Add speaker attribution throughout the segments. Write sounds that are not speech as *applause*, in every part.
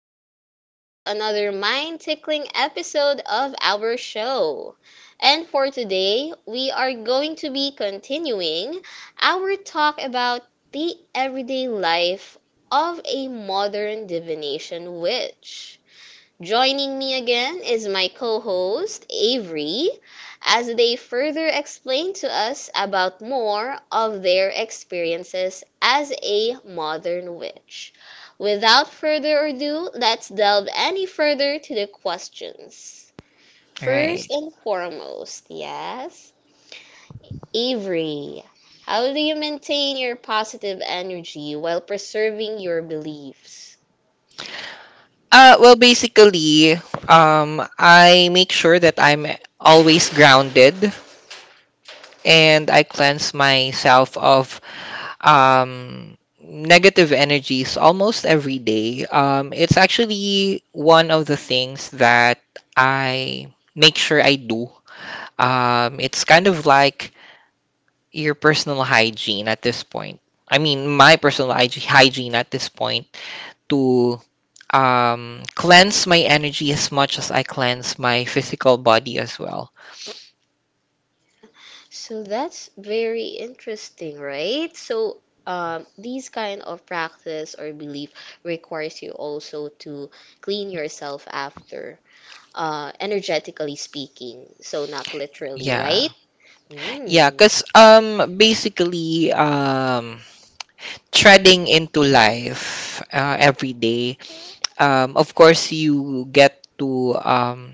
Speaker 1: Welcome back to another mind tickling episode of our show. And for today, we are going to be continuing our talk about the everyday life of a modern divination witch. Joining me again is my co host, Avery, as they further explain to us about more of their experiences as a modern witch. Without further ado, let's delve any further to the questions.
Speaker 2: Right.
Speaker 1: First and foremost, yes, Avery, how do you maintain your positive energy while preserving your beliefs?
Speaker 2: Well, basically, I make sure that I'm always grounded, and I cleanse myself of negative energies almost every day. It's actually one of the things that I make sure I do. It's kind of like your personal hygiene at this point. I mean, my personal hygiene at this point, to cleanse my energy as much as I cleanse my physical body as well.
Speaker 1: Yeah, so that's very interesting, right? So, these kind of practice or belief requires you also to clean yourself after, energetically speaking. So not literally,
Speaker 2: Yeah.
Speaker 1: right?
Speaker 2: Yeah,
Speaker 1: Mm.
Speaker 2: because basically, treading into life every day, of course,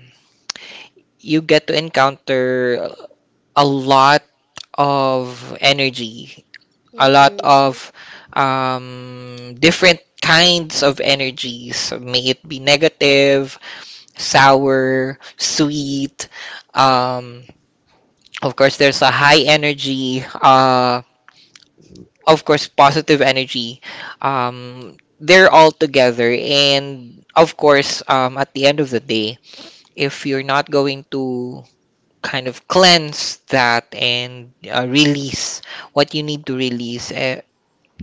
Speaker 2: you get to encounter a lot of energy, a lot
Speaker 1: Mm-hmm.
Speaker 2: of different kinds of energies. May it be negative, sour, sweet. Um, of course, there's a high energy. Of course, positive energy. They're all together, and of course, at the end of the day, if you're not going to kind of cleanse that and release what you need to release,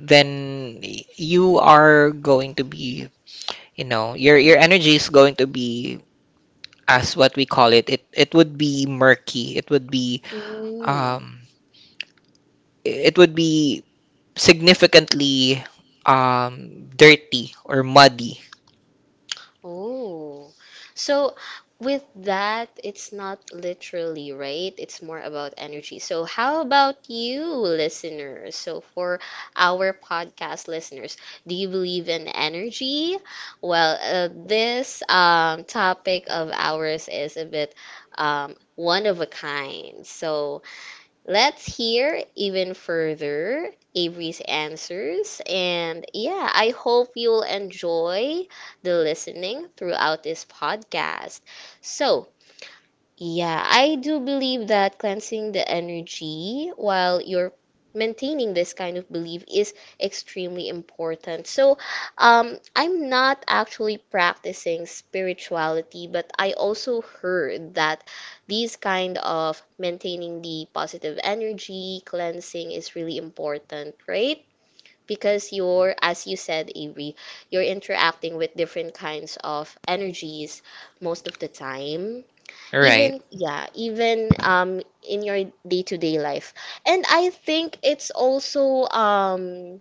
Speaker 2: then you are going to be, you know, your energy is going to be, as what we call it, it would be murky.
Speaker 1: Mm.
Speaker 2: Um it would be significantly dirty or muddy.
Speaker 1: Oh, so with that, it's not literally, right? It's more about energy. So, how about you, listeners? So, for our podcast listeners, do you believe in energy? Well, this topic of ours is a bit one of a kind. So, let's hear even further Avery's answers. And yeah, I hope you'll enjoy the listening throughout this podcast. So, yeah, I do believe that cleansing the energy while you're maintaining this kind of belief is extremely important. So, I'm not actually practicing spirituality, but I also heard that these kind of maintaining the positive energy, cleansing is really important, right? Because you're, as you said, Avery, you're interacting with different kinds of energies most of the time,
Speaker 2: Right.
Speaker 1: even, yeah, even in your day-to-day life, and I think it's also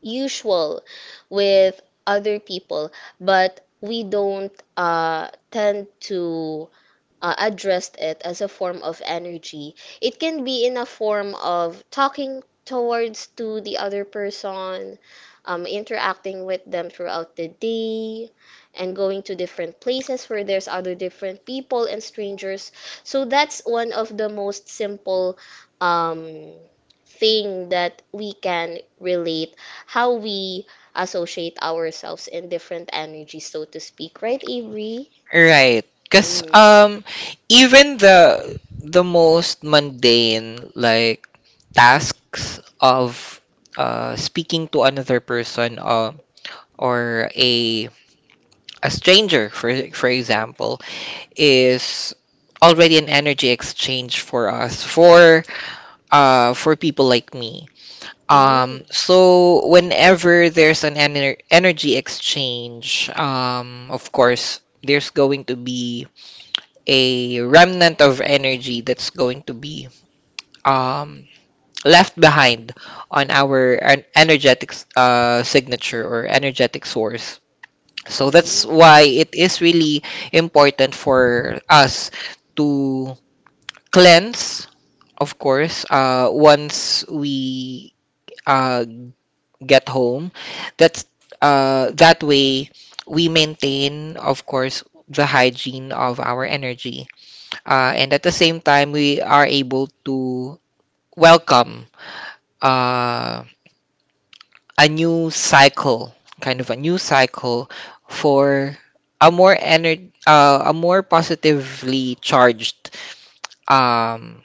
Speaker 1: usual with other people, but we don't tend to addressed it as a form of energy. It can be in a form of talking towards to the other person, interacting with them throughout the day, and going to different places where there's other different people and strangers. So that's one of the most simple um, thing that we can relate how we associate ourselves in different energies, so to speak. Right, Avery?
Speaker 2: Right. Cause
Speaker 1: Mm.
Speaker 2: um even the most mundane like tasks of speaking to another person, or a stranger for for
Speaker 1: Mm.
Speaker 2: example is already an energy exchange for us, for people like me.
Speaker 1: Mm.
Speaker 2: So whenever there's an energy exchange, of course, there's going to be a remnant of energy that's going to be um, left behind on our energetic signature or energetic source. So that's why it is really important for us to cleanse, of course, once we uh, get home. That's that way we maintain, of course, the hygiene of our energy, and at the same time we are able to welcome uh, a new cycle, kind of a new cycle for a more a more positively charged um,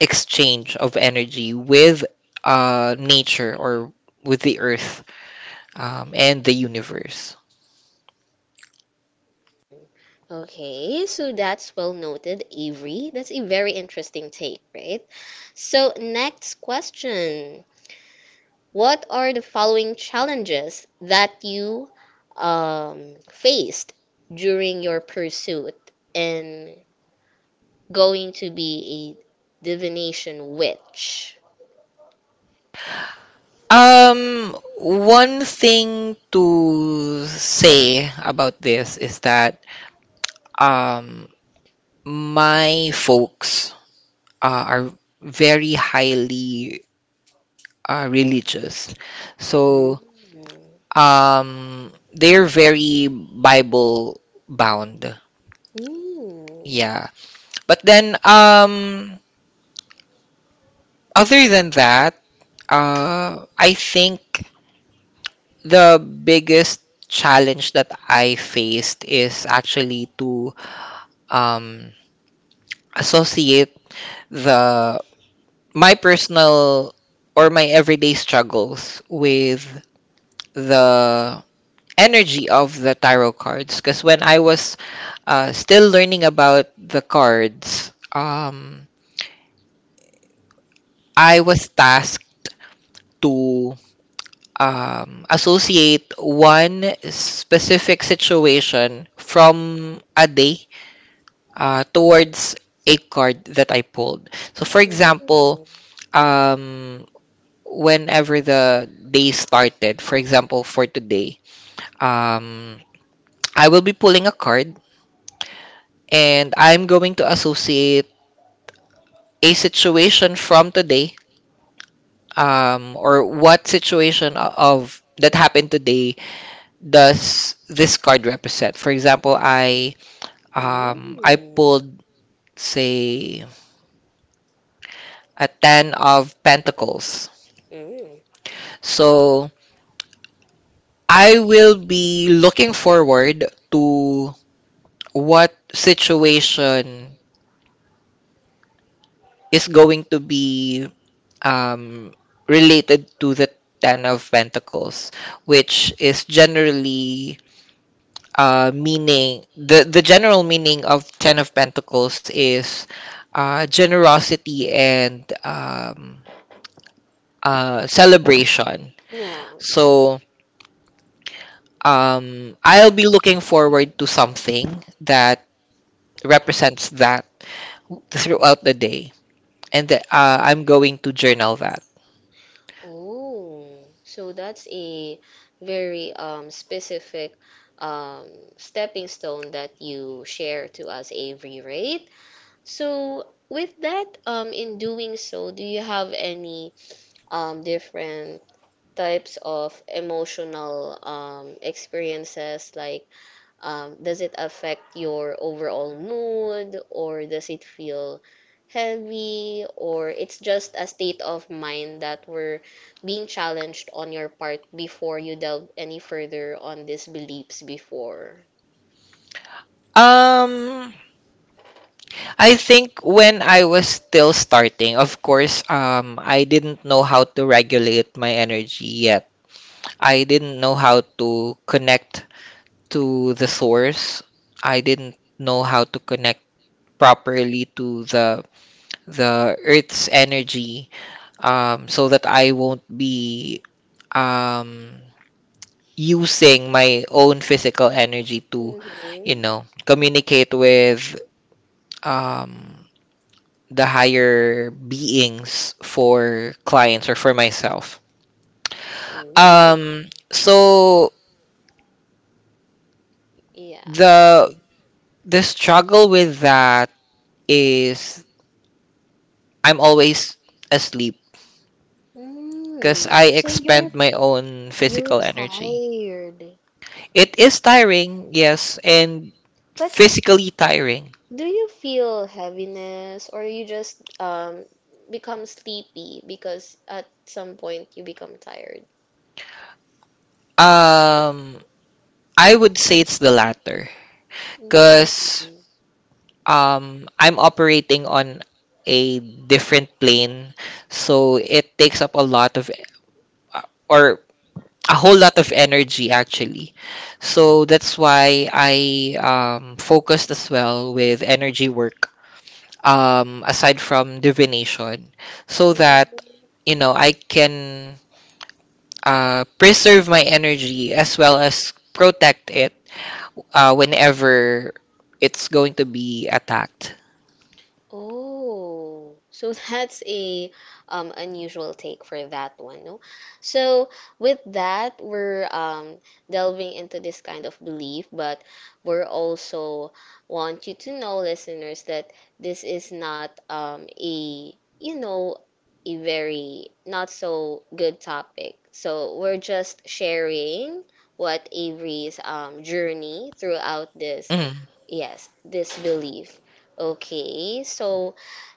Speaker 2: exchange of energy with nature, or with the earth and the universe.
Speaker 1: Okay, so that's well noted, Avery. That's a very interesting take, right? So, next question. What are the following challenges that you faced during your pursuit in going to be a divination witch.
Speaker 2: One thing to say about this is that um, my folks are very highly religious.
Speaker 1: Mm.
Speaker 2: So
Speaker 1: Mm.
Speaker 2: they're very Bible bound.
Speaker 1: Mm.
Speaker 2: Yeah. But then, other than that, I think the biggest challenge that I faced is actually to um, associate the my personal or my everyday struggles with the energy of the tarot cards. Because when I was still learning about the cards, I was tasked to associate one specific situation from a day towards a card that I pulled. So, for example, um, whenever the day started, for example, for today, um, I will be pulling a card and I'm going to associate a situation from today, or what situation of that happened today does this card represent. For example, I
Speaker 1: Mm.
Speaker 2: pulled, say, a 10 of pentacles.
Speaker 1: Mm.
Speaker 2: So I will be looking forward to what situation is going to be um, related to the Ten of Pentacles, which is generally meaning the general meaning of Ten of Pentacles is generosity and celebration.
Speaker 1: Yeah.
Speaker 2: So I'll be looking forward to something that represents that throughout the day, and I'm going to journal that.
Speaker 1: Oh. So that's a very specific um, stepping stone that you share to us, Avery, right? So with that, in doing so, do you have any different types of emotional experiences like does it affect your overall mood, or does it feel heavy, or it's just a state of mind that we're being challenged on your part before you delve any further on these beliefs before.
Speaker 2: Um, I think when I was still starting, of course, I didn't know how to regulate my energy yet. I didn't know how to connect to the source. I didn't know how to connect properly to the earth's energy, so that I won't be um, using my own physical energy to, you know,
Speaker 1: Mhm.
Speaker 2: communicate with um, the higher beings for clients or for myself.
Speaker 1: Ooh.
Speaker 2: So
Speaker 1: Yeah.
Speaker 2: the struggle with that is I'm always asleep because
Speaker 1: Mm,
Speaker 2: I
Speaker 1: so you're
Speaker 2: expend my own
Speaker 1: you're
Speaker 2: physical energy.
Speaker 1: tired.
Speaker 2: It is tiring, yes, and
Speaker 1: But
Speaker 2: physically tiring.
Speaker 1: do you feel heaviness or you just become sleepy because at some point you become tired?
Speaker 2: Um, I would say it's the latter because
Speaker 1: Mm,
Speaker 2: I'm operating on a different plane, so it takes up a lot of uh, or a whole lot of energy, actually. So that's why I focused as well with energy work, aside from divination, so that
Speaker 1: mm.
Speaker 2: you know I can preserve my energy as well as protect it whenever it's going to be attacked.
Speaker 1: Oh, so *laughs* that's a unusual take for that one, no? So with that, we're delving into this kind of belief, but we're also want you to know, listeners, that this is not a, you know, a very not so good topic. So we're just sharing what Avery's journey throughout this,
Speaker 2: Mm.
Speaker 1: yes, this belief. Okay, so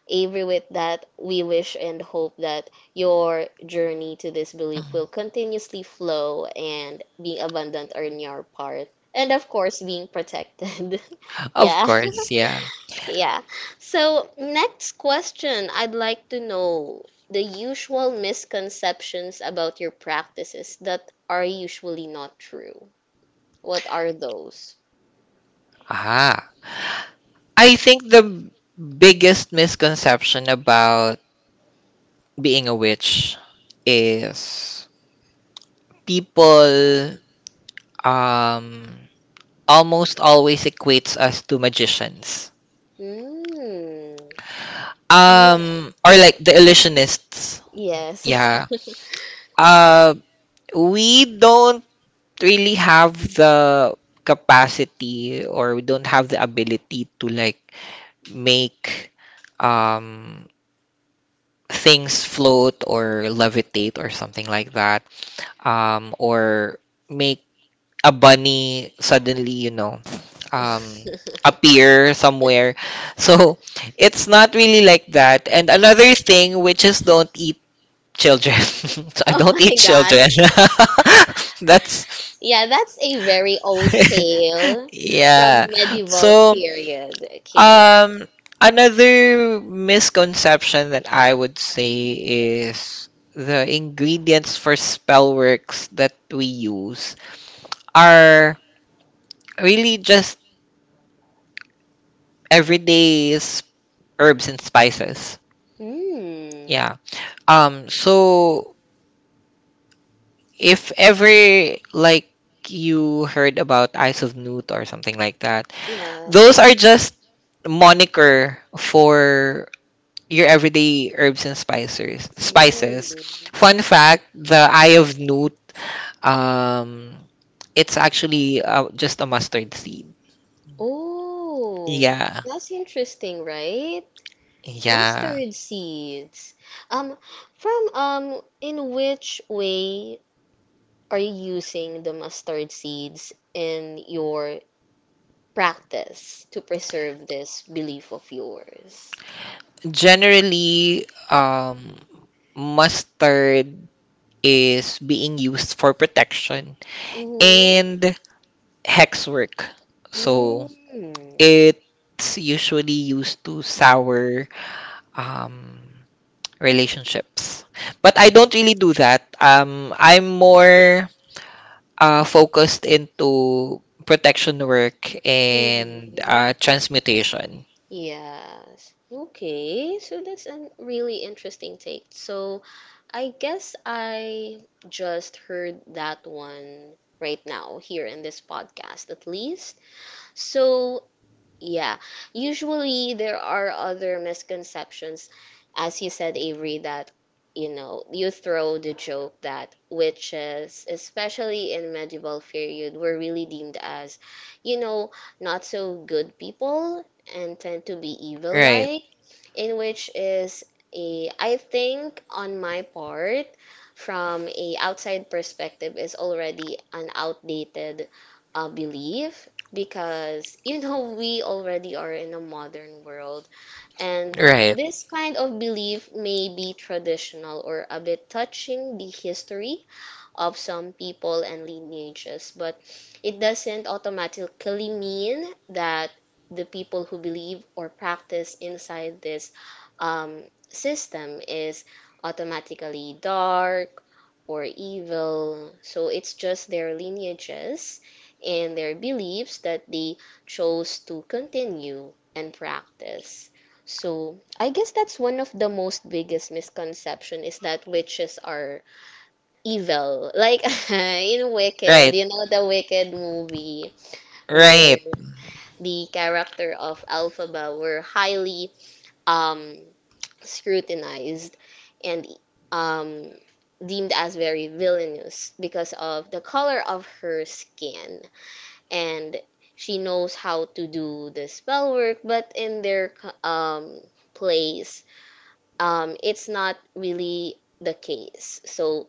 Speaker 1: Avery, with that, we wish and hope that your journey to this belief will continuously flow and being abundant on your part. And of course, being protected. *laughs*
Speaker 2: Of
Speaker 1: Yeah. *laughs*
Speaker 2: course, yeah.
Speaker 1: Yeah. So, next question. I'd like to know the usual misconceptions about your practices that are usually not true. What are those?
Speaker 2: Ah, I think the biggest misconception about being a witch is people um almost always equates us to magicians.
Speaker 1: Mm. Yeah.
Speaker 2: Or like the
Speaker 1: Yeah.
Speaker 2: illusionists.
Speaker 1: Yes.
Speaker 2: Yeah.
Speaker 1: *laughs*
Speaker 2: Uh we don't really have the capacity, or we don't have the ability to, like, make um things float or levitate or something like that, or make a bunny suddenly, you know, um,
Speaker 1: *laughs*
Speaker 2: appear somewhere. *laughs* So it's not really like that. And another thing, witches don't eat children. *laughs* So I
Speaker 1: Oh
Speaker 2: don't
Speaker 1: my
Speaker 2: eat
Speaker 1: God.
Speaker 2: children. *laughs* That's
Speaker 1: Yeah, that's a very old
Speaker 2: *laughs*
Speaker 1: tale from
Speaker 2: yeah.
Speaker 1: medieval
Speaker 2: So
Speaker 1: period. Okay.
Speaker 2: Um, another misconception that I would say is the ingredients for spell works that we use are really just everyday herbs and spices.
Speaker 1: Hmm. Yeah.
Speaker 2: Yeah. So if ever, like, you heard about Eyes of Newt or something like that, those are just moniker for your everyday herbs and spices. Spices.
Speaker 1: Mm.
Speaker 2: Fun fact: the eye of newt, um, it's actually just a mustard seed.
Speaker 1: Oh,
Speaker 2: Yeah,
Speaker 1: that's interesting, right?
Speaker 2: yeah.
Speaker 1: Mustard seeds. Um, from in which way are you using the mustard seeds in your practice to preserve this belief of yours?
Speaker 2: Generally, mustard is being used for protection
Speaker 1: Mm-hmm.
Speaker 2: and hex work.
Speaker 1: Mm.
Speaker 2: So
Speaker 1: Hmm, mm hmm.
Speaker 2: it's usually used to sour um, relationships. But I don't really do that. I'm more focused into protection work and transmutation.
Speaker 1: Yes. Okay. So that's a really interesting take. So I guess I just heard that one right now here in this podcast, at least. So, yeah, usually there are other misconceptions, as you said, Avery, that, you know, you throw the joke that witches, especially in medieval period, were really deemed as, you know, not so good people and tend to be evil
Speaker 2: Right,
Speaker 1: like, in which is a, I think on my part, from a outside perspective, is already an outdated belief, because, you know, *laughs* we already are in a modern world, and
Speaker 2: right.
Speaker 1: this kind of belief may be traditional or a bit touching the history of some people and lineages. But it doesn't automatically mean that the people who believe or practice inside this um, system is automatically dark or evil. So it's just their lineages and their beliefs that they chose to continue and practice. So I guess that's one of the most biggest misconception is that witches are evil, like, *laughs* in Wicked,
Speaker 2: Right, right,
Speaker 1: you know the Wicked movie where the character of Alphaba were highly um scrutinized and um deemed as very villainous because of the color of her skin, and she knows how to do the spell work, but in their um place, it's not really the case, so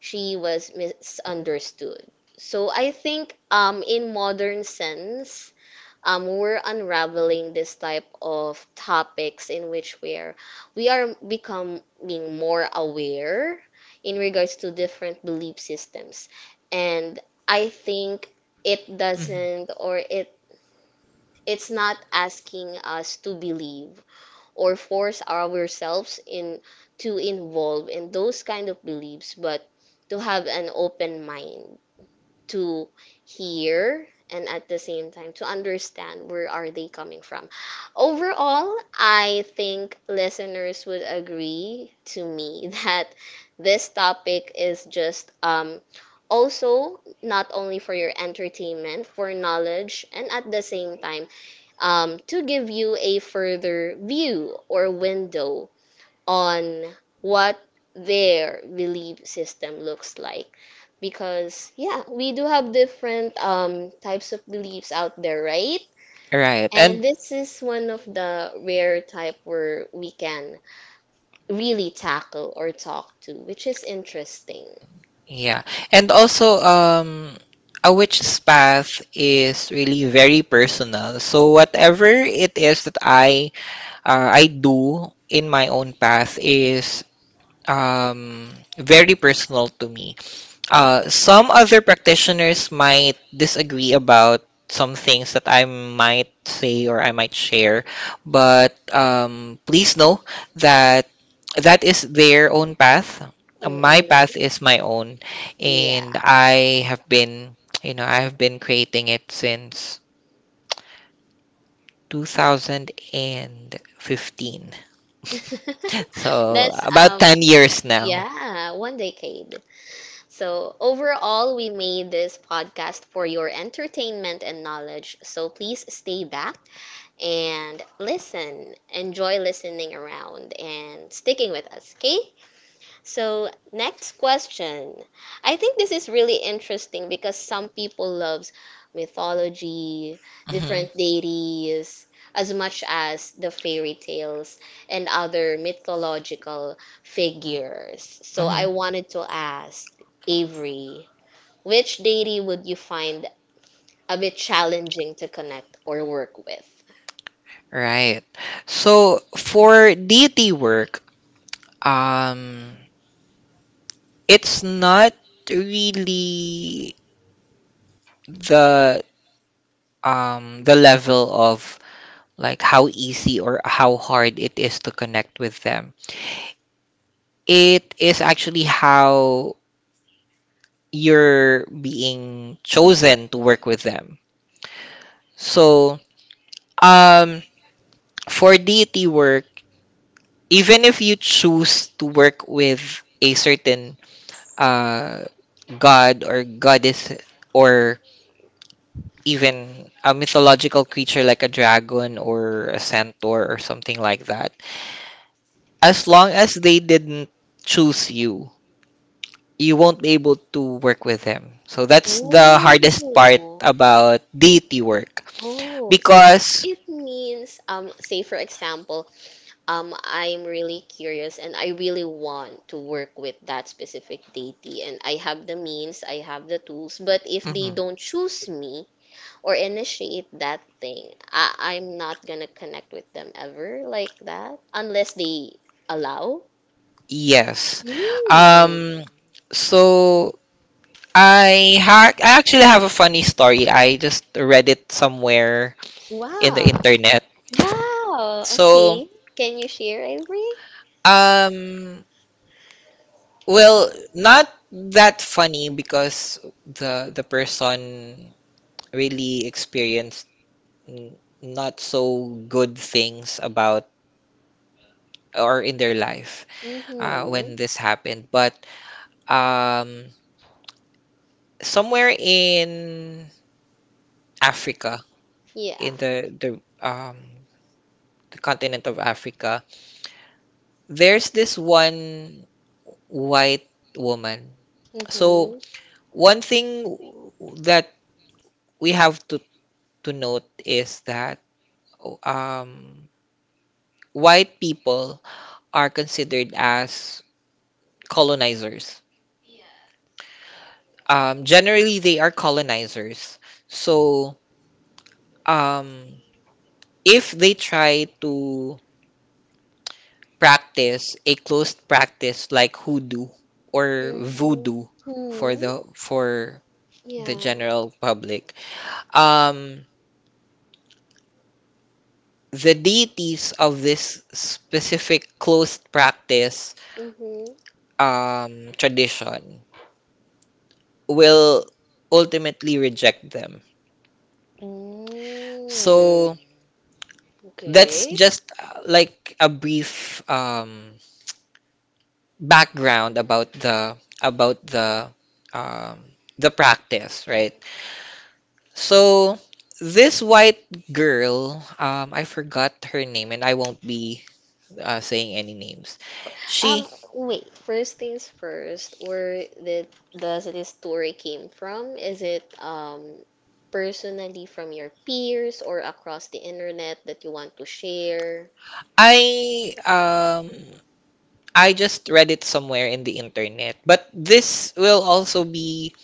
Speaker 1: she was misunderstood. So I think, in modern sense, we're unraveling this type of topics in which we are becoming more aware in regards to different belief systems. And I think it
Speaker 2: Mhm.
Speaker 1: doesn't or it it's not asking us to believe or force ourselves in to involve in those kind of beliefs, but to have an open mind to hear and at the same time to understand where are they coming from. Overall, I think listeners would agree to me *laughs* that this topic is just, um, also not only for your entertainment, for knowledge, and at the same time, to give you a further view or window on what their belief system looks like. Because, yeah, we do have different types of beliefs out there, right?
Speaker 2: right. And
Speaker 1: And this is one of the rare type where we can really tackle or talk to, which is interesting.
Speaker 2: Yeah. And also, a witch's path is really very personal. So whatever it is that I do in my own path is um very personal to me. Some other practitioners might disagree about some things that I might say or I might share, but please know that that is their own path. My
Speaker 1: Mm-mm.
Speaker 2: path is my own,
Speaker 1: Yeah.
Speaker 2: and I have been, you know, I have been creating it since 2015. *laughs*
Speaker 1: *laughs*
Speaker 2: So
Speaker 1: That's
Speaker 2: about
Speaker 1: um,
Speaker 2: 10 years now.
Speaker 1: yeah, one decade. So, overall, we made this podcast for your entertainment and knowledge. So, please stay back and listen. Enjoy listening around and sticking with us, okay? So, next question. I think this is really interesting because some people loves mythology,
Speaker 2: Mhm,
Speaker 1: different deities, as much as the fairy tales and other mythological figures. So, I
Speaker 2: mhm.
Speaker 1: wanted to ask Avery, which deity would you find a bit challenging to connect or work with?
Speaker 2: Right. So for DT work, um, it's not really the the level of like how easy or how hard it is to connect with them. It is actually how you're being chosen to work with them. So um for DT work, even if you choose to work with a certain uh, god or goddess, or even a mythological creature like a dragon or a centaur or something like that. As long as they didn't choose you, you won't be able to work with them. So that's the hardest part
Speaker 1: Oh,
Speaker 2: about deity work
Speaker 1: oh. So
Speaker 2: because
Speaker 1: it means, say for example, I'm really curious and I really want to work with that specific deity. And I have the means, I have the tools, but if they
Speaker 2: Mhm.
Speaker 1: don't choose me or initiate that thing, I'm not gonna connect with them ever like that unless they allow.
Speaker 2: yes.
Speaker 1: Mm.
Speaker 2: Um so I actually have a funny story. I just read it somewhere in the
Speaker 1: Wow.
Speaker 2: internet.
Speaker 1: Wow.
Speaker 2: So,
Speaker 1: Okay. Can you share, Avery?
Speaker 2: um, well, not that funny because the person really experienced not so good things about or in their life
Speaker 1: Mm-hmm.
Speaker 2: when this happened. But um, somewhere in Africa,
Speaker 1: Yeah.
Speaker 2: in the um the continent of Africa, there's this one white woman. So
Speaker 1: Mm-hmm.
Speaker 2: one thing that we have to note is that um, white people are considered as colonizers. Generally, they are colonizers. So um, if they try to practice a closed practice like hoodoo or
Speaker 1: Mm-hmm.
Speaker 2: voodoo for
Speaker 1: Hmm.
Speaker 2: the
Speaker 1: Yeah.
Speaker 2: general public, um, the deities of this specific closed practice
Speaker 1: Mm-hmm.
Speaker 2: tradition will ultimately reject them.
Speaker 1: Mm.
Speaker 2: So that's
Speaker 1: Okay.
Speaker 2: just like a brief background about the about the um, the practice, right? So this white girl, I forgot her name, and I won't be saying any names.
Speaker 1: Wow.
Speaker 2: She,
Speaker 1: Um, wait, first things first, where did does this story came from? Is it personally from your peers or across the internet that you want to share?
Speaker 2: I um I just read it somewhere in the internet. But this will also be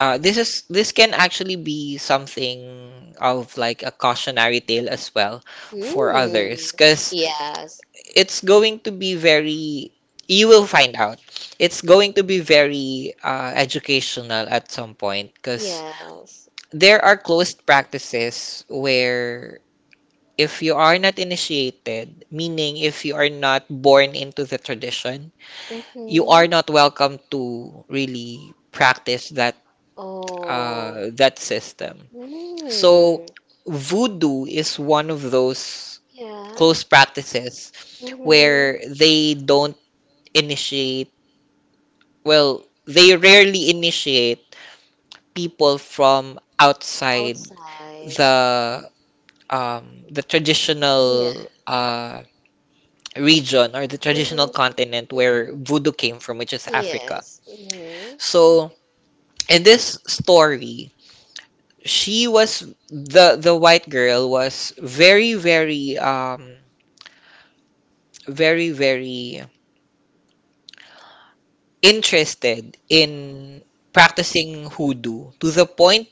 Speaker 2: this is this can actually be something of like a cautionary tale as well for
Speaker 1: Mm.
Speaker 2: others because
Speaker 1: Yes.
Speaker 2: it's going to be very you will find out it's going to be very educational at some point, because
Speaker 1: Yes.
Speaker 2: there are closed practices where, if you are not initiated, meaning if you are not born into the tradition, you are
Speaker 1: Mm-hmm.
Speaker 2: not welcome to really practice that,
Speaker 1: Oh.
Speaker 2: that system. So
Speaker 1: Mm.
Speaker 2: voodoo is one of those
Speaker 1: Yeah.
Speaker 2: close practices where
Speaker 1: Mm-hmm.
Speaker 2: they don't initiate, well, they rarely initiate people from outside
Speaker 1: Outside.
Speaker 2: the the
Speaker 1: Yeah.
Speaker 2: traditional region or the traditional
Speaker 1: Mm-hmm.
Speaker 2: continent where voodoo came from, which is Africa.
Speaker 1: Yes. Mm-hmm.
Speaker 2: So in this story, she was the white girl was very very interested in practicing hoodoo to the point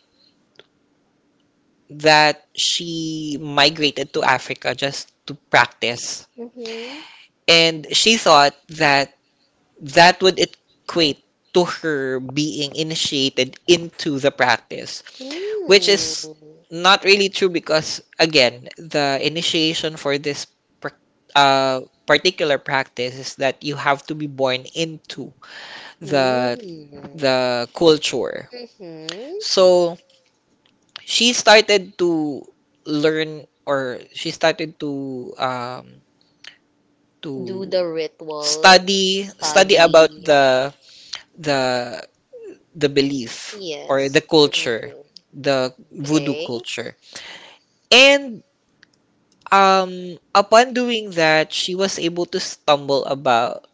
Speaker 2: that she migrated to Africa just to practice,
Speaker 1: Mm-hmm.
Speaker 2: and she thought that that would equate to her being initiated into the practice, which is not really true because, again, the initiation for this prac- uh, particular practice is that you have to be born into the
Speaker 1: Mm-hmm.
Speaker 2: culture.
Speaker 1: Mm-hmm.
Speaker 2: So she started to learn, or she started to
Speaker 1: Do
Speaker 2: to
Speaker 1: the rituals,
Speaker 2: study about
Speaker 1: study.
Speaker 2: the the belief or the
Speaker 1: Yes.
Speaker 2: culture,
Speaker 1: Mhm.
Speaker 2: the voodoo
Speaker 1: Okay.
Speaker 2: culture, and upon doing that, she was able to stumble about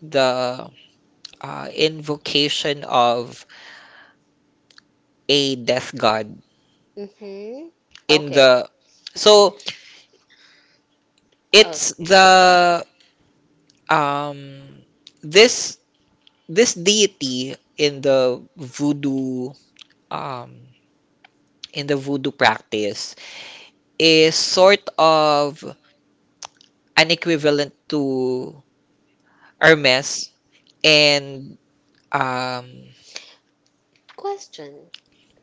Speaker 2: the invocation of a death god
Speaker 1: Mm-hmm.
Speaker 2: in
Speaker 1: Okay.
Speaker 2: the. So it's
Speaker 1: Okay.
Speaker 2: the um this this deity in the voodoo, um in the voodoo practice, is sort of an equivalent to Hermes, and um
Speaker 1: Question.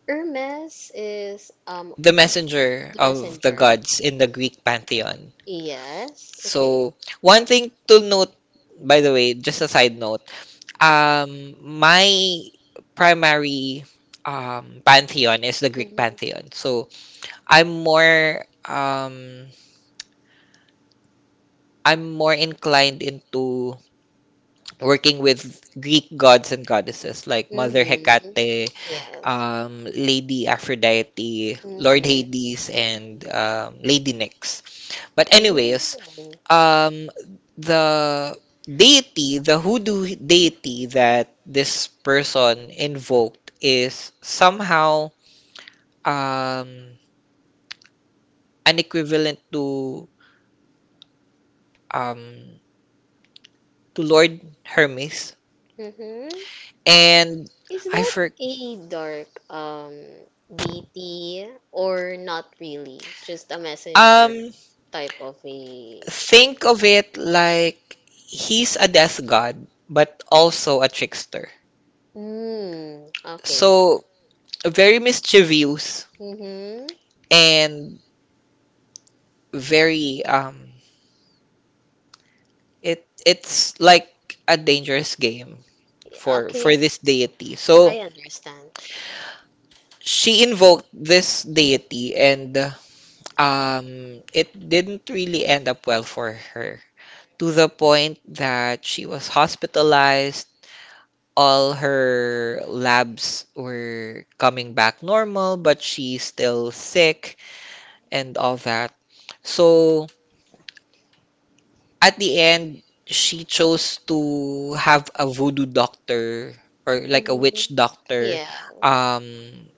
Speaker 1: Hermes is
Speaker 2: the messenger
Speaker 1: the
Speaker 2: of the
Speaker 1: messenger.
Speaker 2: gods in the Greek pantheon.
Speaker 1: Yes. Okay.
Speaker 2: So, one thing to note, by the way, just a side note, my primary pantheon is the Greek pantheon.
Speaker 1: Mm-hmm.
Speaker 2: So, I'm more um, I'm more inclined into working with Greek gods and goddesses like Mother
Speaker 1: Mm-hmm.
Speaker 2: Hecate,
Speaker 1: Yes.
Speaker 2: Lady Aphrodite, Lord Hades, and Lady Nyx. But anyways,
Speaker 1: Mm-hmm.
Speaker 2: um the deity, the hoodoo deity that this person invoked is somehow um an equivalent um to Lord Hermes.
Speaker 1: Mm-hmm.
Speaker 2: And
Speaker 1: Is
Speaker 2: I
Speaker 1: that
Speaker 2: for
Speaker 1: a dark DT or not really? Just a messenger
Speaker 2: um
Speaker 1: type of a.
Speaker 2: think of it like he's a death god, but also a trickster.
Speaker 1: Mm, okay.
Speaker 2: So very mischievous
Speaker 1: Mm-hmm.
Speaker 2: and very it's like a dangerous game for
Speaker 1: Okay.
Speaker 2: this deity. So
Speaker 1: I understand.
Speaker 2: she invoked this deity, and it didn't really end up well for her, to the point that she was hospitalized. All her labs were coming back normal, but she's still sick and all that. So at the end, she chose to have a voodoo doctor, or like a
Speaker 1: Mm-hmm.
Speaker 2: witch doctor,
Speaker 1: Yeah.
Speaker 2: um,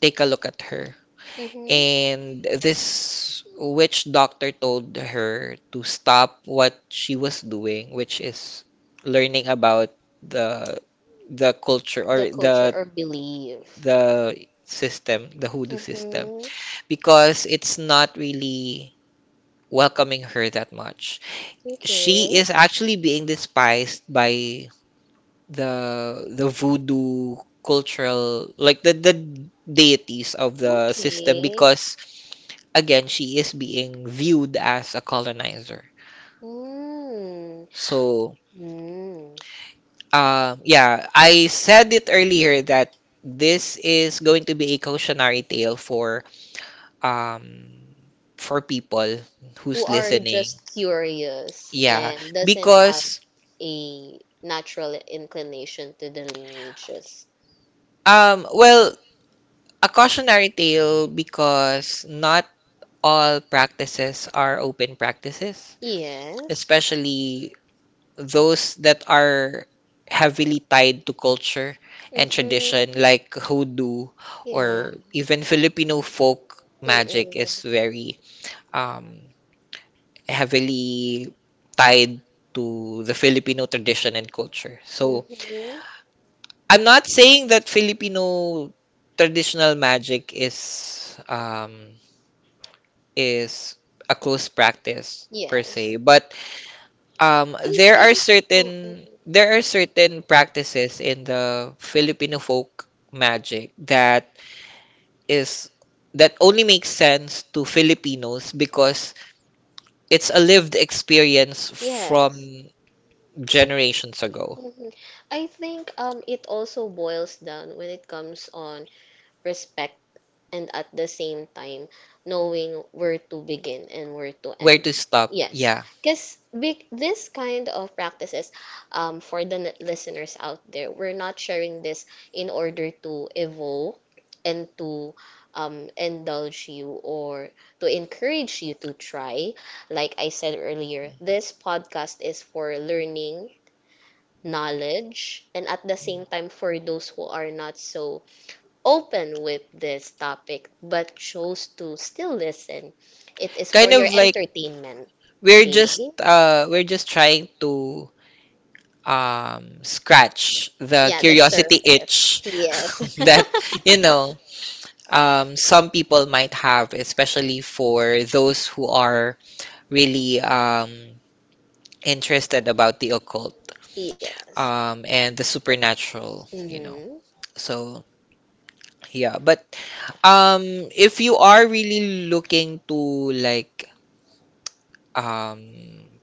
Speaker 2: take a look at her.
Speaker 1: Mm-hmm.
Speaker 2: And this witch doctor told her to stop what she was doing, which is learning about the the culture,
Speaker 1: The
Speaker 2: or
Speaker 1: culture
Speaker 2: the
Speaker 1: or belief.
Speaker 2: the system, the hoodoo system,
Speaker 1: Mm-hmm.
Speaker 2: because it's not really welcoming her that much. She
Speaker 1: Okay.
Speaker 2: is actually being despised by the the voodoo cultural, like the deities of the system,
Speaker 1: Okay.
Speaker 2: because again she is being viewed as a colonizer.
Speaker 1: Mm.
Speaker 2: So
Speaker 1: Mm.
Speaker 2: yeah, I said it earlier that this is going to be a cautionary tale um for people who's
Speaker 1: Who are
Speaker 2: listening.
Speaker 1: just curious
Speaker 2: Yeah,
Speaker 1: and doesn't have
Speaker 2: because
Speaker 1: a natural inclination to the lineages.
Speaker 2: um well a cautionary tale because not all practices are open practices,
Speaker 1: Yes.
Speaker 2: especially those that are heavily tied to culture and tradition,
Speaker 1: Mhm.
Speaker 2: like hoodoo,
Speaker 1: Yeah.
Speaker 2: or even Filipino folk magic
Speaker 1: Mm-mm.
Speaker 2: is very um, heavily tied to the Filipino tradition and culture. So
Speaker 1: Mhm.
Speaker 2: I'm not saying that Filipino traditional magic is a close practice per se,
Speaker 1: Yes.
Speaker 2: but
Speaker 1: I think. Mm-mm.
Speaker 2: there are certain practices in the Filipino folk magic that is that only makes sense to Filipinos, because it's a lived experience from
Speaker 1: Yes.
Speaker 2: generations ago.
Speaker 1: Mhm. I think it also boils down when it comes on, and at the same time knowing where to begin and where to
Speaker 2: Where to
Speaker 1: end.
Speaker 2: stop?
Speaker 1: Yes,
Speaker 2: Yeah.
Speaker 1: because this kind of practices, for the listeners out there, we're not sharing this in order to evoke and to, indulge you or to encourage you to try. Like I said earlier, this podcast is for learning, knowledge, and at the same time for those who are not so open with this topic but chose to still listen, it is
Speaker 2: Kind
Speaker 1: for your
Speaker 2: of like
Speaker 1: entertainment. Okay?
Speaker 2: we're just trying to scratch the, yes,
Speaker 1: Yeah, the
Speaker 2: curiosity
Speaker 1: surface.
Speaker 2: itch
Speaker 1: Yes.
Speaker 2: *laughs*
Speaker 1: *laughs*
Speaker 2: that you know some people might have, especially for those who are really interested about the occult
Speaker 1: Yes.
Speaker 2: and the supernatural. You know,
Speaker 1: Mm-hmm.
Speaker 2: so yeah, but um, if you are really looking to, like, um,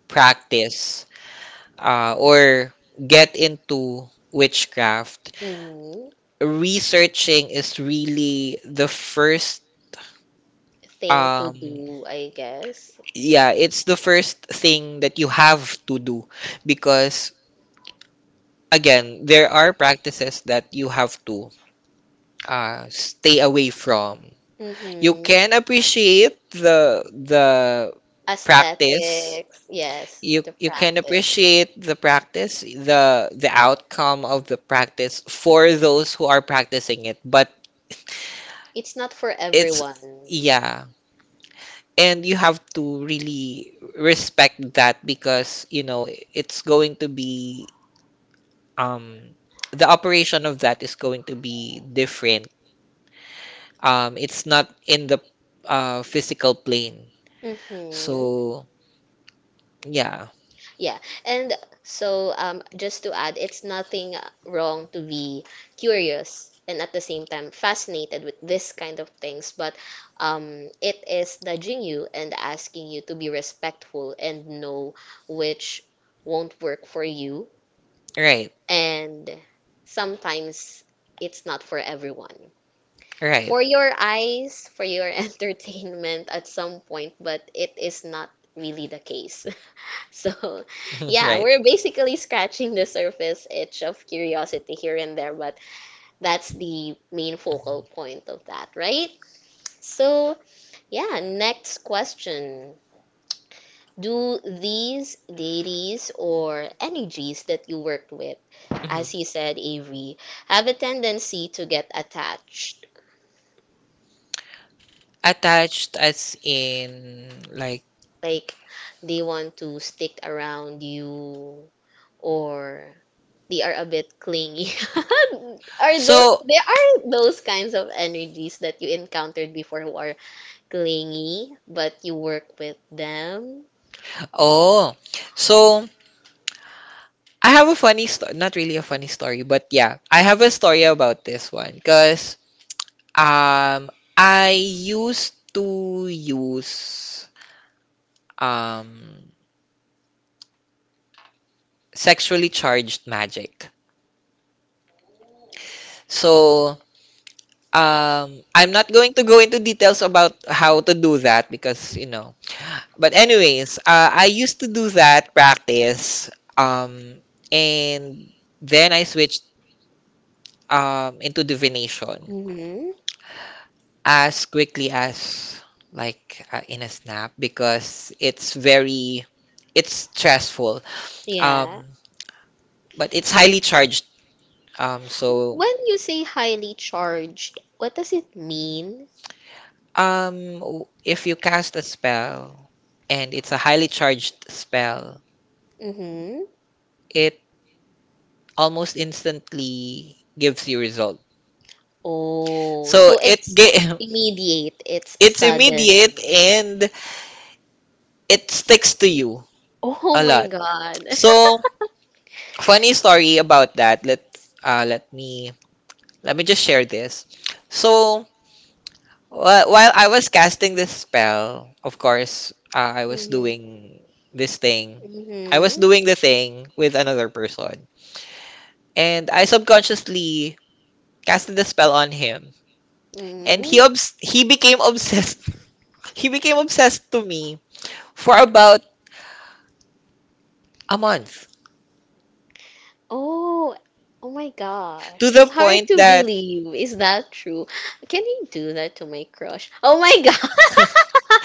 Speaker 2: practice or get into witchcraft,
Speaker 1: Mm-hmm.
Speaker 2: researching is really the first.
Speaker 1: Thing to
Speaker 2: um
Speaker 1: do, I guess.
Speaker 2: yeah, it's the first thing that you have to do, because again there are practices that you have to stay away from. You
Speaker 1: Mm-hmm.
Speaker 2: can appreciate the practice.
Speaker 1: Aesthetics. Yes,
Speaker 2: you
Speaker 1: the
Speaker 2: you can
Speaker 1: practice.
Speaker 2: appreciate the practice, the outcome of the practice for those who are practicing it, but
Speaker 1: It's not for
Speaker 2: it's,
Speaker 1: everyone.
Speaker 2: yeah, and you have to really respect that, because you know it's going to be um the operation of that is going to be different. It's not in the physical plane.
Speaker 1: Mm-hmm.
Speaker 2: So yeah.
Speaker 1: Yeah, and so, just to add, it's nothing wrong to be curious and at the same time fascinated with this kind of things, but, it is nudging you and asking you to be respectful and know which won't work for you,
Speaker 2: Right.
Speaker 1: and sometimes it's not for everyone.
Speaker 2: Right.
Speaker 1: For your eyes, for your *laughs* entertainment at some point, but it is not really the case. So, *laughs*
Speaker 2: *laughs*
Speaker 1: yeah,
Speaker 2: Right.
Speaker 1: we're basically scratching the surface itch of curiosity here and there, but that's the main focal point of that, right? So, yeah, next question. Do these deities or energies that you worked with,
Speaker 2: Mhm.
Speaker 1: as you said, Avery, have a tendency to get attached?
Speaker 2: Attached as in like?
Speaker 1: Like, they want to stick around you, or they are a bit clingy. *laughs* Are those...
Speaker 2: So,
Speaker 1: So, there are those kinds of energies that you encountered before who are clingy, but you work with them?
Speaker 2: oh, so I have a funny story. Not really a funny story, but yeah, I have a story about this one, because um I used to use um sexually charged magic. So I'm not going to go into details about how to do that, because you know. But anyways, I used to do that practice, um and then I switched into divination
Speaker 1: Hmm.
Speaker 2: as quickly as, like, in a snap, because it's very, it's stressful,
Speaker 1: Yeah.
Speaker 2: um but it's highly charged. um so
Speaker 1: When you say highly charged, what does it mean?
Speaker 2: if you cast a spell, and it's a highly charged spell,
Speaker 1: Mm-hmm.
Speaker 2: it almost instantly gives you result.
Speaker 1: Oh,
Speaker 2: so
Speaker 1: so
Speaker 2: it
Speaker 1: it's
Speaker 2: ge-
Speaker 1: immediate, it's
Speaker 2: *laughs* it's
Speaker 1: sudden.
Speaker 2: immediate, and it sticks to you
Speaker 1: Oh
Speaker 2: a
Speaker 1: my
Speaker 2: lot.
Speaker 1: God.
Speaker 2: So
Speaker 1: *laughs*
Speaker 2: funny story about that. Let me just share this. So, while I was casting this spell, of course, I was
Speaker 1: Mm-hmm.
Speaker 2: doing this thing. I was
Speaker 1: Mm-hmm.
Speaker 2: doing the thing with another person, and I subconsciously casted the spell on him, and
Speaker 1: Mm.
Speaker 2: he became obsessed. *laughs* He became obsessed to me for about a month,
Speaker 1: Oh, oh my gosh.
Speaker 2: to the
Speaker 1: It's hard
Speaker 2: point
Speaker 1: to
Speaker 2: that
Speaker 1: believe. Is that true? Can he do that to my crush? Oh my God.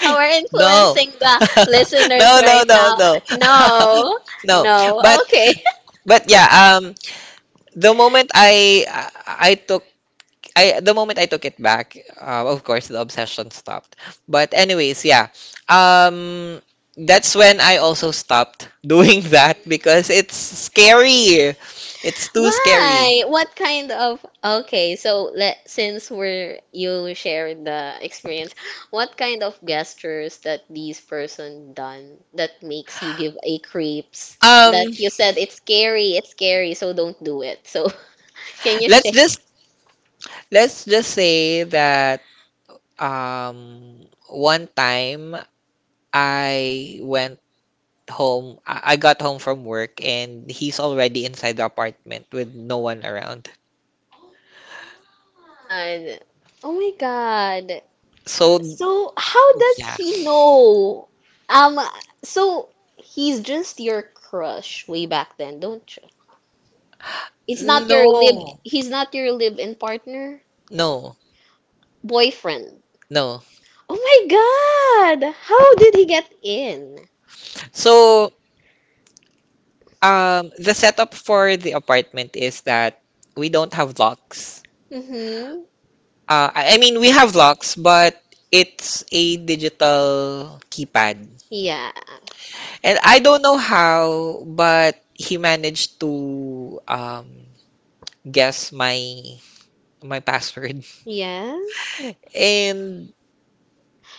Speaker 1: *laughs* We're
Speaker 2: no,
Speaker 1: influencing the
Speaker 2: *laughs*
Speaker 1: listeners
Speaker 2: no, no,
Speaker 1: right
Speaker 2: no,
Speaker 1: now.
Speaker 2: no, *laughs*
Speaker 1: No.
Speaker 2: no. But
Speaker 1: No. Okay. *laughs*
Speaker 2: but yeah, the moment I I took the moment I took it back, of course the obsession stopped. But anyways, yeah. Um that's when I also stopped *laughs* doing that, because it's scary. It's too scary.
Speaker 1: Why? What kind of... okay, so let... since we're... you shared the experience, what kind of gestures that these person done that makes you give a creeps? That
Speaker 2: Um
Speaker 1: you said it's scary, so don't do it. So *laughs* can you
Speaker 2: let's
Speaker 1: share?
Speaker 2: just let's just say that one time I went home. I got home from work, and he's already inside the apartment with no one around.
Speaker 1: God. Oh my God.
Speaker 2: So,
Speaker 1: So how
Speaker 2: yeah.
Speaker 1: does he know? Um, so he's just your crush way back then, don't you? It's not your live...
Speaker 2: No.
Speaker 1: he's not your live-in partner,
Speaker 2: No,
Speaker 1: boyfriend.
Speaker 2: no.
Speaker 1: Oh my God! How did he get in?
Speaker 2: So, the setup for the apartment is that we don't have locks.
Speaker 1: Mm-hmm.
Speaker 2: I mean, we have locks, but it's a digital keypad.
Speaker 1: Yeah.
Speaker 2: And I don't know how, but he managed to guess my password. *laughs*
Speaker 1: Yes.
Speaker 2: And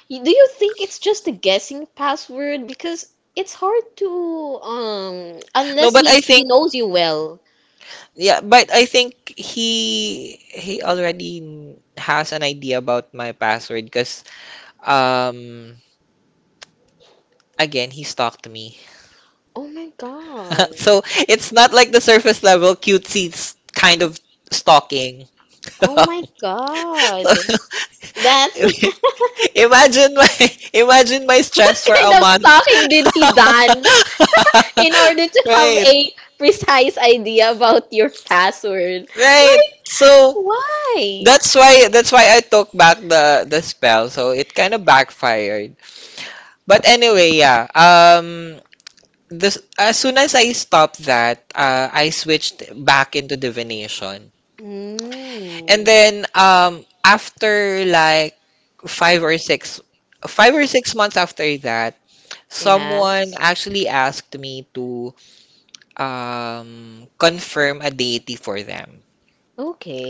Speaker 1: Do you think it's just a guessing password? Because it's hard to
Speaker 2: no,
Speaker 1: unless
Speaker 2: but
Speaker 1: he
Speaker 2: I
Speaker 1: he
Speaker 2: think,
Speaker 1: knows you well.
Speaker 2: yeah, but I think he already has an idea about my password, because um again he stalked me.
Speaker 1: Oh my
Speaker 2: *laughs*
Speaker 1: God.
Speaker 2: So it's not like the surface level cutesy kind of stalking.
Speaker 1: Oh
Speaker 2: *laughs*
Speaker 1: my God. That's...
Speaker 2: *laughs* Imagine my
Speaker 1: *laughs*
Speaker 2: Imagine my
Speaker 1: what
Speaker 2: stress for
Speaker 1: kind
Speaker 2: a
Speaker 1: of
Speaker 2: month.
Speaker 1: stalking did he done *laughs* in order to have
Speaker 2: *laughs* Right.
Speaker 1: a precise idea about your password?
Speaker 2: Right.
Speaker 1: Like,
Speaker 2: So
Speaker 1: why?
Speaker 2: that's why, I took back the spell. So it kind of backfired. But anyway, yeah. This As soon as I stopped that, I switched back into divination.
Speaker 1: Mm,
Speaker 2: And then after like five or six five or 6 months after that,
Speaker 1: yeah.
Speaker 2: someone actually asked me to confirm a deity for them.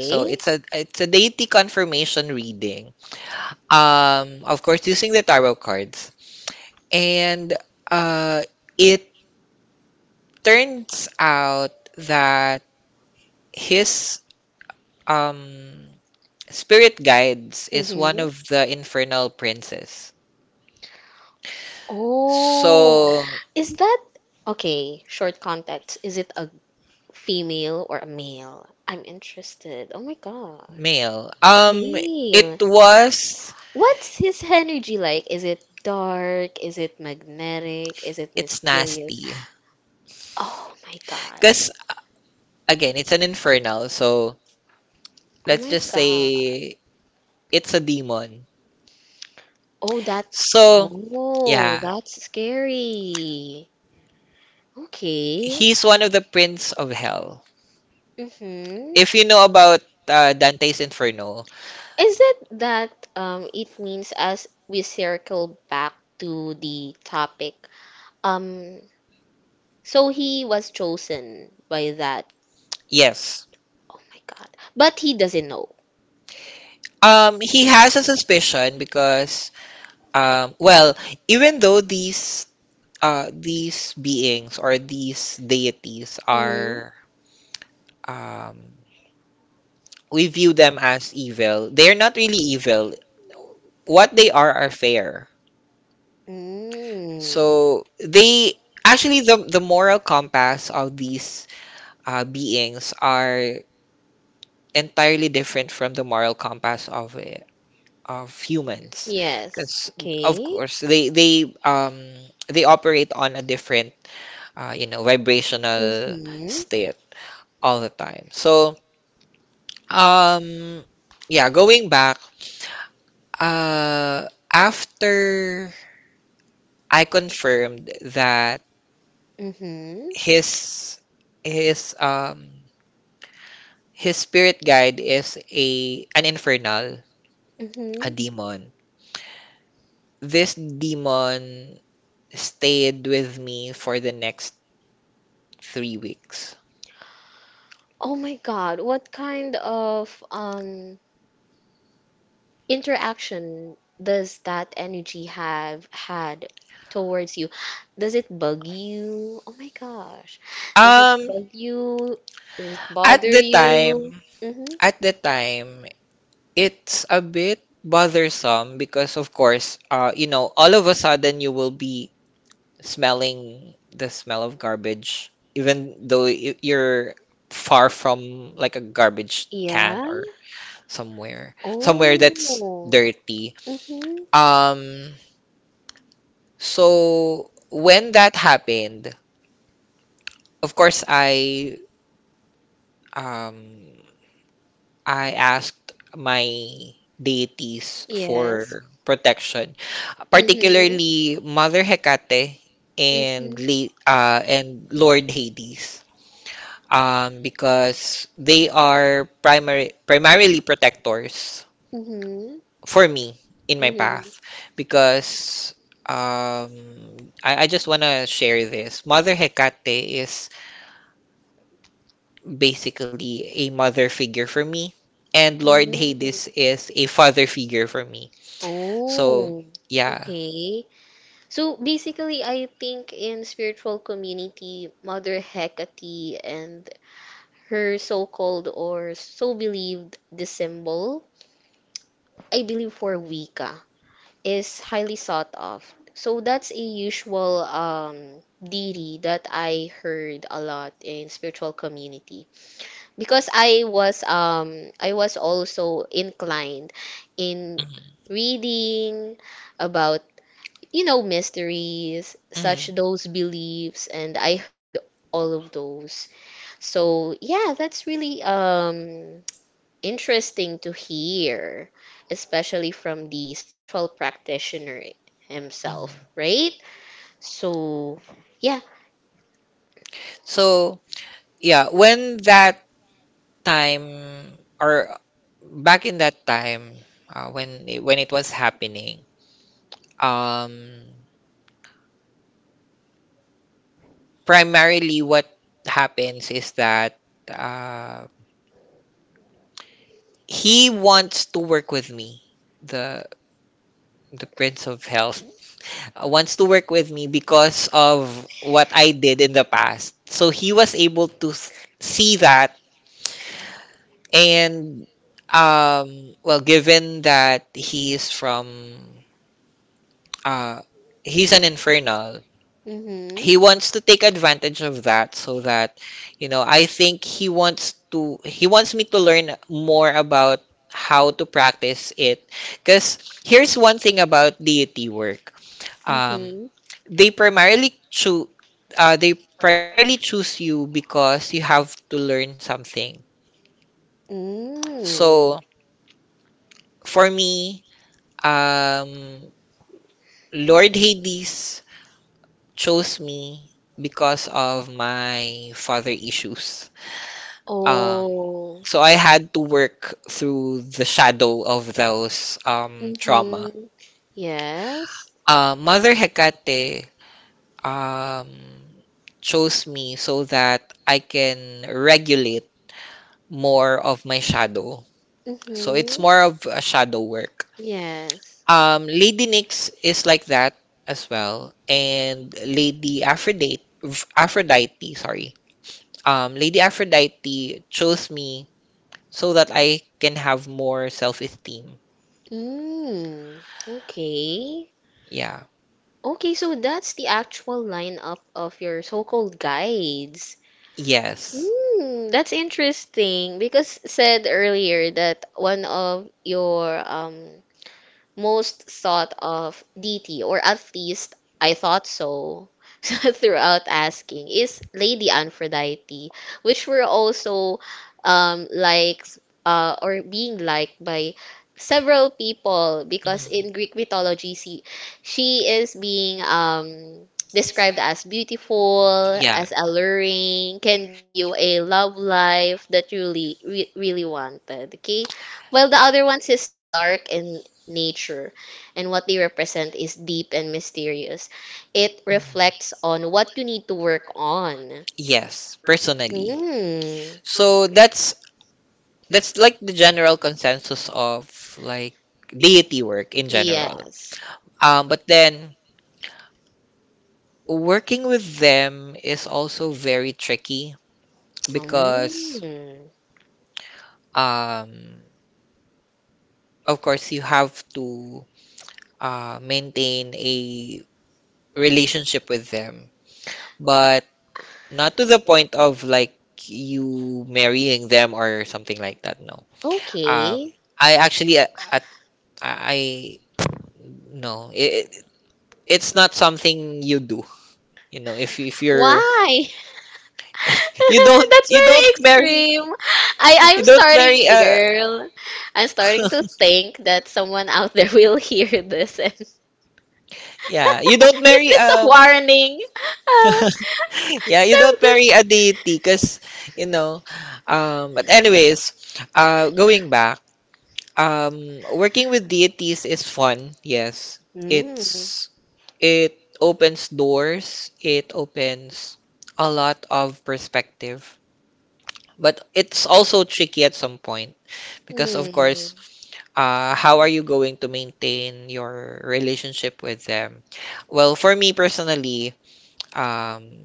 Speaker 2: So it's a, deity confirmation reading, of course using the tarot cards. And uh it turns out that his um spirit guides is one
Speaker 1: Mm-hmm.
Speaker 2: of the infernal princes.
Speaker 1: Oh, so
Speaker 2: So
Speaker 1: is that okay? Short context. Is it a female or a male? I'm interested. Oh my gosh.
Speaker 2: male. It was.
Speaker 1: What's his energy like? Is it dark? Is it magnetic? Is it
Speaker 2: It's
Speaker 1: mysterious?
Speaker 2: nasty.
Speaker 1: Oh my god.
Speaker 2: Because, again, it's an infernal. So,
Speaker 1: Oh
Speaker 2: let's
Speaker 1: my
Speaker 2: just
Speaker 1: god.
Speaker 2: say it's a demon.
Speaker 1: Oh, that's...
Speaker 2: So,
Speaker 1: oh,
Speaker 2: yeah.
Speaker 1: that's scary. Okay.
Speaker 2: He's one of the prince of hell. If you know
Speaker 1: Mm-hmm.
Speaker 2: about Dante's Inferno,
Speaker 1: Is it that it means as we circle back to the topic? Um, so he was chosen by that.
Speaker 2: yes.
Speaker 1: Oh my God. But he doesn't know.
Speaker 2: He has a suspicion because, well, even though these beings, or these deities,
Speaker 1: Mm-hmm.
Speaker 2: are um, we view them as evil. They're not really evil. What they are fair.
Speaker 1: Mm.
Speaker 2: So they, actually the moral compass of these beings are entirely different from the moral compass of humans.
Speaker 1: Yes.
Speaker 2: Because of
Speaker 1: Okay.
Speaker 2: course they operate on a different you know, vibrational
Speaker 1: Mm-hmm.
Speaker 2: state all the time. So um yeah, going back, after I confirmed that
Speaker 1: Mm-hmm.
Speaker 2: his, his um spirit guide is a, an infernal,
Speaker 1: Hmm.
Speaker 2: a demon. This demon stayed with me for the next 3 weeks.
Speaker 1: Oh my God, what kind of interaction does that energy have had towards you? Does it bug you? Oh my gosh. Does it
Speaker 2: Um,
Speaker 1: bug you? Does it
Speaker 2: at
Speaker 1: bother
Speaker 2: the
Speaker 1: you?
Speaker 2: time,
Speaker 1: Mm-hmm.
Speaker 2: at the time, it's a bit bothersome, because of course, you know, all of a sudden you will be smelling the smell of garbage, even though you're far from like a garbage can,
Speaker 1: Yeah.
Speaker 2: or somewhere, somewhere that's
Speaker 1: Oh.
Speaker 2: dirty.
Speaker 1: Mm-hmm.
Speaker 2: Um, so when that happened, of course, um, I asked my deities
Speaker 1: Yes.
Speaker 2: for protection,
Speaker 1: Mm-hmm.
Speaker 2: particularly Mother Hecate and
Speaker 1: Mm-hmm.
Speaker 2: Lord Hades. Because they are primary primarily protectors
Speaker 1: Mm-hmm.
Speaker 2: for me in my
Speaker 1: Mm-hmm.
Speaker 2: path, because I just want to share this. Mother Hecate is basically a mother figure for me, and Lord Hades is a father figure for me. So,
Speaker 1: Oh,
Speaker 2: yeah.
Speaker 1: okay. So basically, I think in spiritual community, Mother Hecate and her so-called or so believed the symbol, I believe for Wicca, is highly sought of. So that's a usual deity that I heard a lot in spiritual community because I was also inclined in
Speaker 2: Mhm.
Speaker 1: reading about you know mysteries
Speaker 2: Mhm.
Speaker 1: such those beliefs and I heard all of those. So yeah, that's really interesting to hear, especially from the spiritual practitioner
Speaker 2: Mhm.
Speaker 1: himself, right? So yeah.
Speaker 2: So, yeah, when that time, or back in that time, when it, was happening, um primarily what happens is that, uh, he wants to work with me. The prince of health wants to work with me because of what I did in the past, so he was able to see that. And well, given that he's from uh he's an infernal,
Speaker 1: Mhm.
Speaker 2: he wants to take advantage of that. So that, you know, I think he wants to, he wants me to learn more about how to practice it, because here's one thing about deity work. um
Speaker 1: Mhm.
Speaker 2: they primarily choose, they primarily choose you because you have to learn something.
Speaker 1: Mm.
Speaker 2: So for me, um Lord Hades chose me because of my father issues. um
Speaker 1: Oh.
Speaker 2: So I had to work through the shadow of those trauma.
Speaker 1: Mm-hmm. Yes.
Speaker 2: Mother Hecate um, chose me so that I can regulate more of my shadow. So it's
Speaker 1: Mm-hmm.
Speaker 2: more of a shadow work.
Speaker 1: Yes.
Speaker 2: Lady Nyx is like that as well, and Lady Aphrodite, Aphrodite, sorry, Lady Aphrodite chose me so that I can have more self-esteem.
Speaker 1: Mm. Okay.
Speaker 2: Yeah.
Speaker 1: Okay, so that's the actual lineup of your so-called guides.
Speaker 2: Yes.
Speaker 1: Hmm. That's interesting because said earlier that one of your most thought of DT, or at least I thought so *laughs* throughout asking, is Lady Aphrodite, which were also liked or being liked by several people because
Speaker 2: Mhm.
Speaker 1: in Greek mythology, she is being described as beautiful,
Speaker 2: Yeah.
Speaker 1: as alluring, can give you a love life that you really, really wanted. Okay, well, the other ones is dark and nature, and what they represent is deep and mysterious. It reflects on what you need to work on.
Speaker 2: Yes, personally.
Speaker 1: Mm.
Speaker 2: So that's, like the general consensus of, like, deity work in general.
Speaker 1: Yes.
Speaker 2: But then Working with them is also very tricky, because,
Speaker 1: Mm.
Speaker 2: um, of course, you have to maintain a relationship with them, but not to the point of like you marrying them or something like that. No, um,
Speaker 1: Okay.
Speaker 2: I actually at I no, it's not something you do. You know, if you're,
Speaker 1: Why? *laughs* That's
Speaker 2: you don't
Speaker 1: very
Speaker 2: marry.
Speaker 1: extreme. I
Speaker 2: You
Speaker 1: I'm
Speaker 2: don't
Speaker 1: starting,
Speaker 2: marry a.
Speaker 1: girl. I'm starting to think
Speaker 2: *laughs*
Speaker 1: that someone out there *laughs* will hear this and *laughs* is
Speaker 2: Yeah, you don't marry
Speaker 1: this a warning? *laughs*
Speaker 2: *laughs* yeah, you
Speaker 1: So
Speaker 2: don't marry
Speaker 1: this.
Speaker 2: a deity, because, you know, but anyways, going back, working with deities is fun. Yes. It's it opens doors, it opens a lot of perspective, but it's also tricky at some point because, of course, how are you going to maintain your relationship with them? Well, for me personally, um,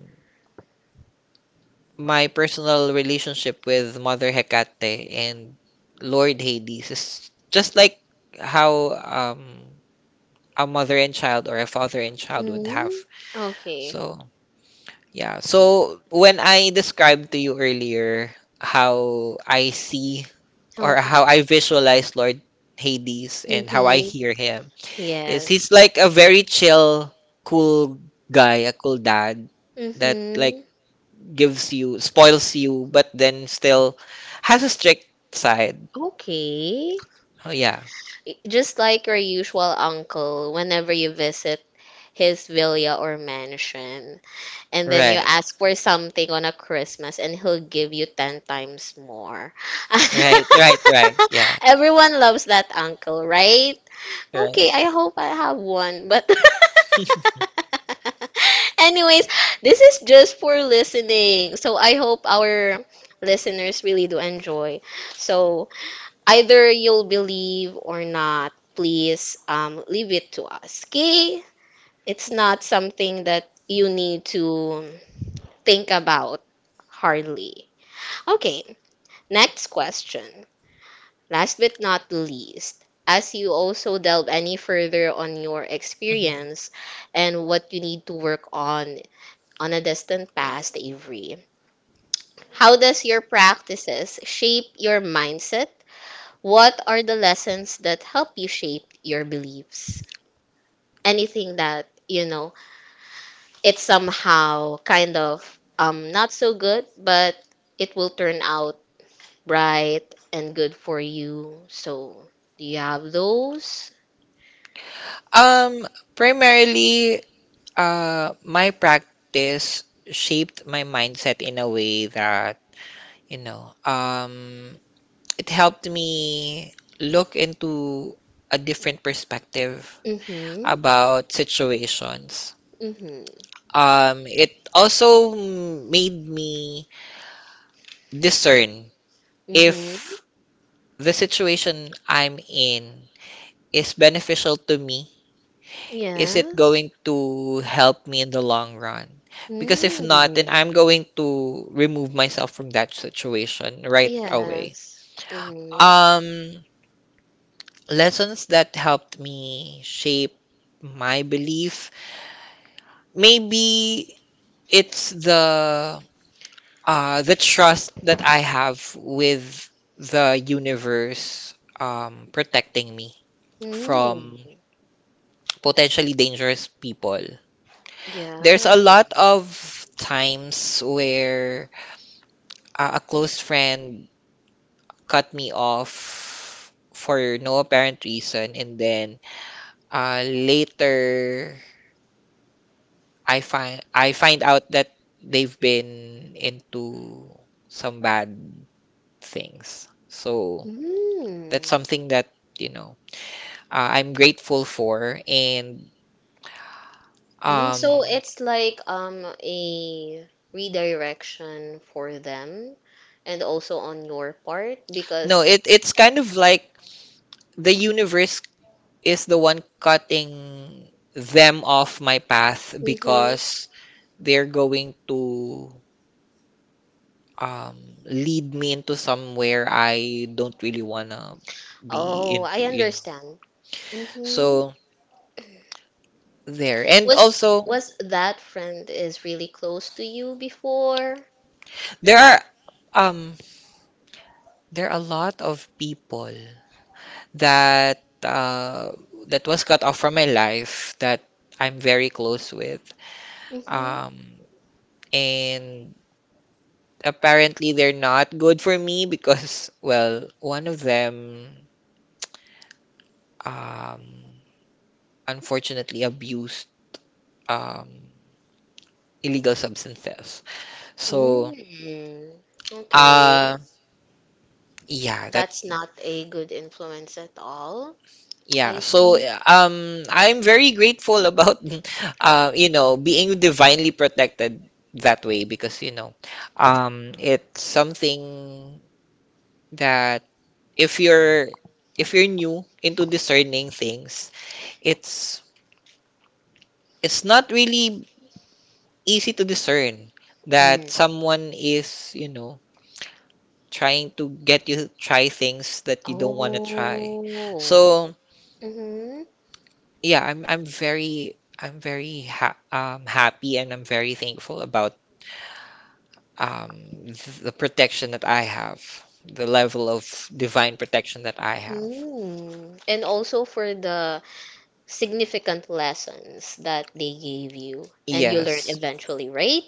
Speaker 2: my personal relationship with Mother Hecate and Lord Hades is just like how, a mother and child or a father and child would have.
Speaker 1: Okay.
Speaker 2: So, yeah. So, when I described to you earlier how I see or
Speaker 1: Okay.
Speaker 2: how I visualize Lord Hades and how I
Speaker 1: Mhm.
Speaker 2: hear him, yes,
Speaker 1: Yes.
Speaker 2: he's like a very chill, cool guy, a cool dad that like
Speaker 1: Mhm.
Speaker 2: gives you, spoils you, but then still has a strict side.
Speaker 1: Okay.
Speaker 2: Oh yeah,
Speaker 1: Just like your usual uncle, whenever you visit his villa or mansion. And then you
Speaker 2: right,
Speaker 1: ask for something on a Christmas and he'll give you 10 times more. *laughs*
Speaker 2: right, right, right. Yeah,
Speaker 1: Everyone loves that uncle, right?
Speaker 2: right.
Speaker 1: Okay, I hope I have one, but
Speaker 2: *laughs*
Speaker 1: *laughs* Anyways, this is just for listening. So I hope our listeners really do enjoy. So either you'll believe or not, please leave it to us. Okay? It's not something that you need to think about hardly. Okay, next question. Last but not least, as you also delve any further on your
Speaker 2: Mhm.
Speaker 1: experience and what you need to work on a distant past, Avery, how does your practices shape your mindset? What are the lessons that help you shape your beliefs? Anything that, you know, it's somehow kind of not so good, but it will turn out bright and good for you. So, do you have those?
Speaker 2: Um, Primarily. My practice shaped my mindset in a way that, you know, um, it helped me look into a different perspective
Speaker 1: Mm-hmm.
Speaker 2: about situations.
Speaker 1: Mm-hmm.
Speaker 2: It also made me discern
Speaker 1: Mm-hmm.
Speaker 2: if the situation I'm in is beneficial to me. Is it
Speaker 1: Yeah.
Speaker 2: going to help me in the long run? Because if not, then
Speaker 1: Mm.
Speaker 2: I'm going to remove myself from that situation right away.
Speaker 1: Yes. Mm-hmm.
Speaker 2: Um, Lessons that helped me shape my belief. Maybe it's the trust that I have with the universe, protecting me
Speaker 1: Mm.
Speaker 2: from potentially dangerous people. There's a
Speaker 1: Yeah.
Speaker 2: lot of times where, a close friend cut me off for no apparent reason, and then, later I find out that they've been into some bad things. So
Speaker 1: Mm.
Speaker 2: that's something that you know I'm grateful for, and
Speaker 1: Mm,
Speaker 2: um,
Speaker 1: so it's like a redirection for them and also on your part because...
Speaker 2: no, it's kind of like the universe is the one cutting them off my path
Speaker 1: Mhm.
Speaker 2: because they're going to, um, lead me into somewhere I don't really want to be
Speaker 1: Oh,
Speaker 2: into,
Speaker 1: I
Speaker 2: you know.
Speaker 1: understand. Mm-hmm.
Speaker 2: So there. And
Speaker 1: Was...
Speaker 2: also,
Speaker 1: was that friend is really close to you before?
Speaker 2: there are um there are a lot of people that that was cut off from my life that I'm very close with.
Speaker 1: Mm-hmm.
Speaker 2: Um and apparently they're not good for me because, *laughs* well, one of them, um, unfortunately abused, um, illegal substances. So,
Speaker 1: Mm. Okay.
Speaker 2: uh, yeah, that
Speaker 1: That's not a good influence at all. I
Speaker 2: yeah. So,
Speaker 1: see.
Speaker 2: I'm very grateful about, *laughs* you know, being divinely protected that way because, you know, it's something that if you're if you're new into discerning things, it's it's not really easy to discern that
Speaker 1: Mm.
Speaker 2: someone is, you know, trying to get you to try things that you don't want to try.
Speaker 1: Oh.
Speaker 2: So,
Speaker 1: Mm-hmm.
Speaker 2: yeah, I'm very ha happy and I'm very thankful about, um, the protection that I have, the level of divine protection that I have.
Speaker 1: Hmm. And also for the significant lessons that they gave you and you learned
Speaker 2: Yes.
Speaker 1: eventually, right?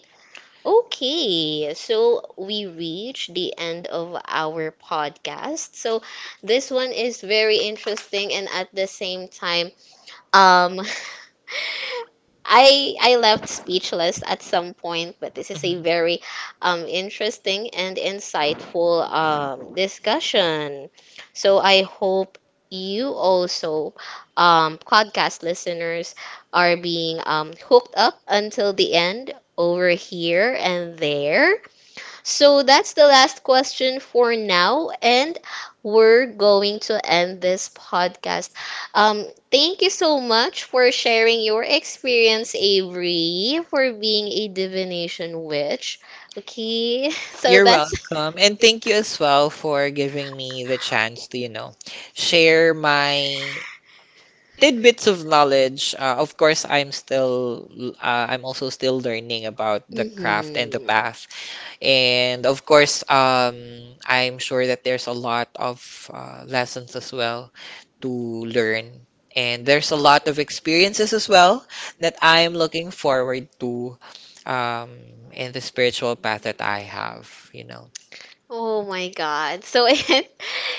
Speaker 1: Okay, so we reached the end of our podcast. So this one is very interesting and at the same time um I left speechless at some point, but this is a
Speaker 2: Mhm.
Speaker 1: very interesting and insightful discussion. So I hope you also, podcast listeners, are being hooked up until the end over here and there. So that's the last question for now, and we're going to end this podcast. Thank you so much for sharing your experience, Avery, for being a divination witch. Okay, *laughs* so
Speaker 2: You're
Speaker 1: that's
Speaker 2: welcome. And
Speaker 1: *laughs*
Speaker 2: thank you as well for giving me the chance to, you know, share my tidbits of knowledge. Of course, I'm still, I'm also still learning about the craft and the
Speaker 1: Mhm.
Speaker 2: path. And of course, I'm sure that there's a lot of lessons as well to learn. And there's a lot of experiences as well that I'm looking forward to, um, in the spiritual path that I have, you know.
Speaker 1: Oh my God. So *laughs* it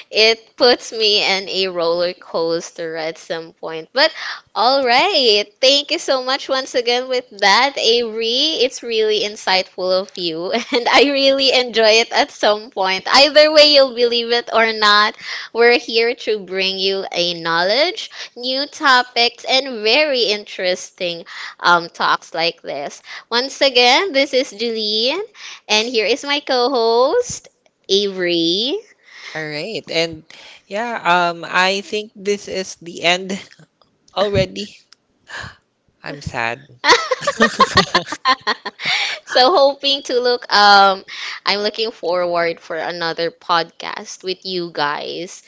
Speaker 1: it puts me in a roller coaster at some point. But all right. Thank you so much once again with that, Avery. It's really insightful of you *laughs* and I really enjoy it at some point. Either way you'll believe it or not, we're here to bring you a knowledge, new topics and very interesting talks like this. Once again, this is Julian and here is my co-host. Avery.
Speaker 2: All right. And yeah, I think this is the end
Speaker 1: Okay.
Speaker 2: already. I'm sad. *laughs*
Speaker 1: *laughs* so hoping to look I'm looking forward for another podcast with you guys.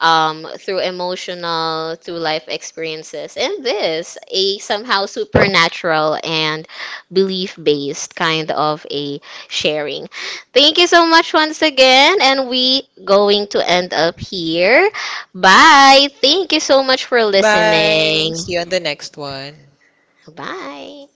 Speaker 1: Um, through emotional, through life experiences, and this a somehow supernatural and belief based kind of a sharing. Thank you so much once again, and we going to end up here. Bye. Thank you so much for
Speaker 2: Bye.
Speaker 1: listening.
Speaker 2: See you on the next one.
Speaker 1: Bye.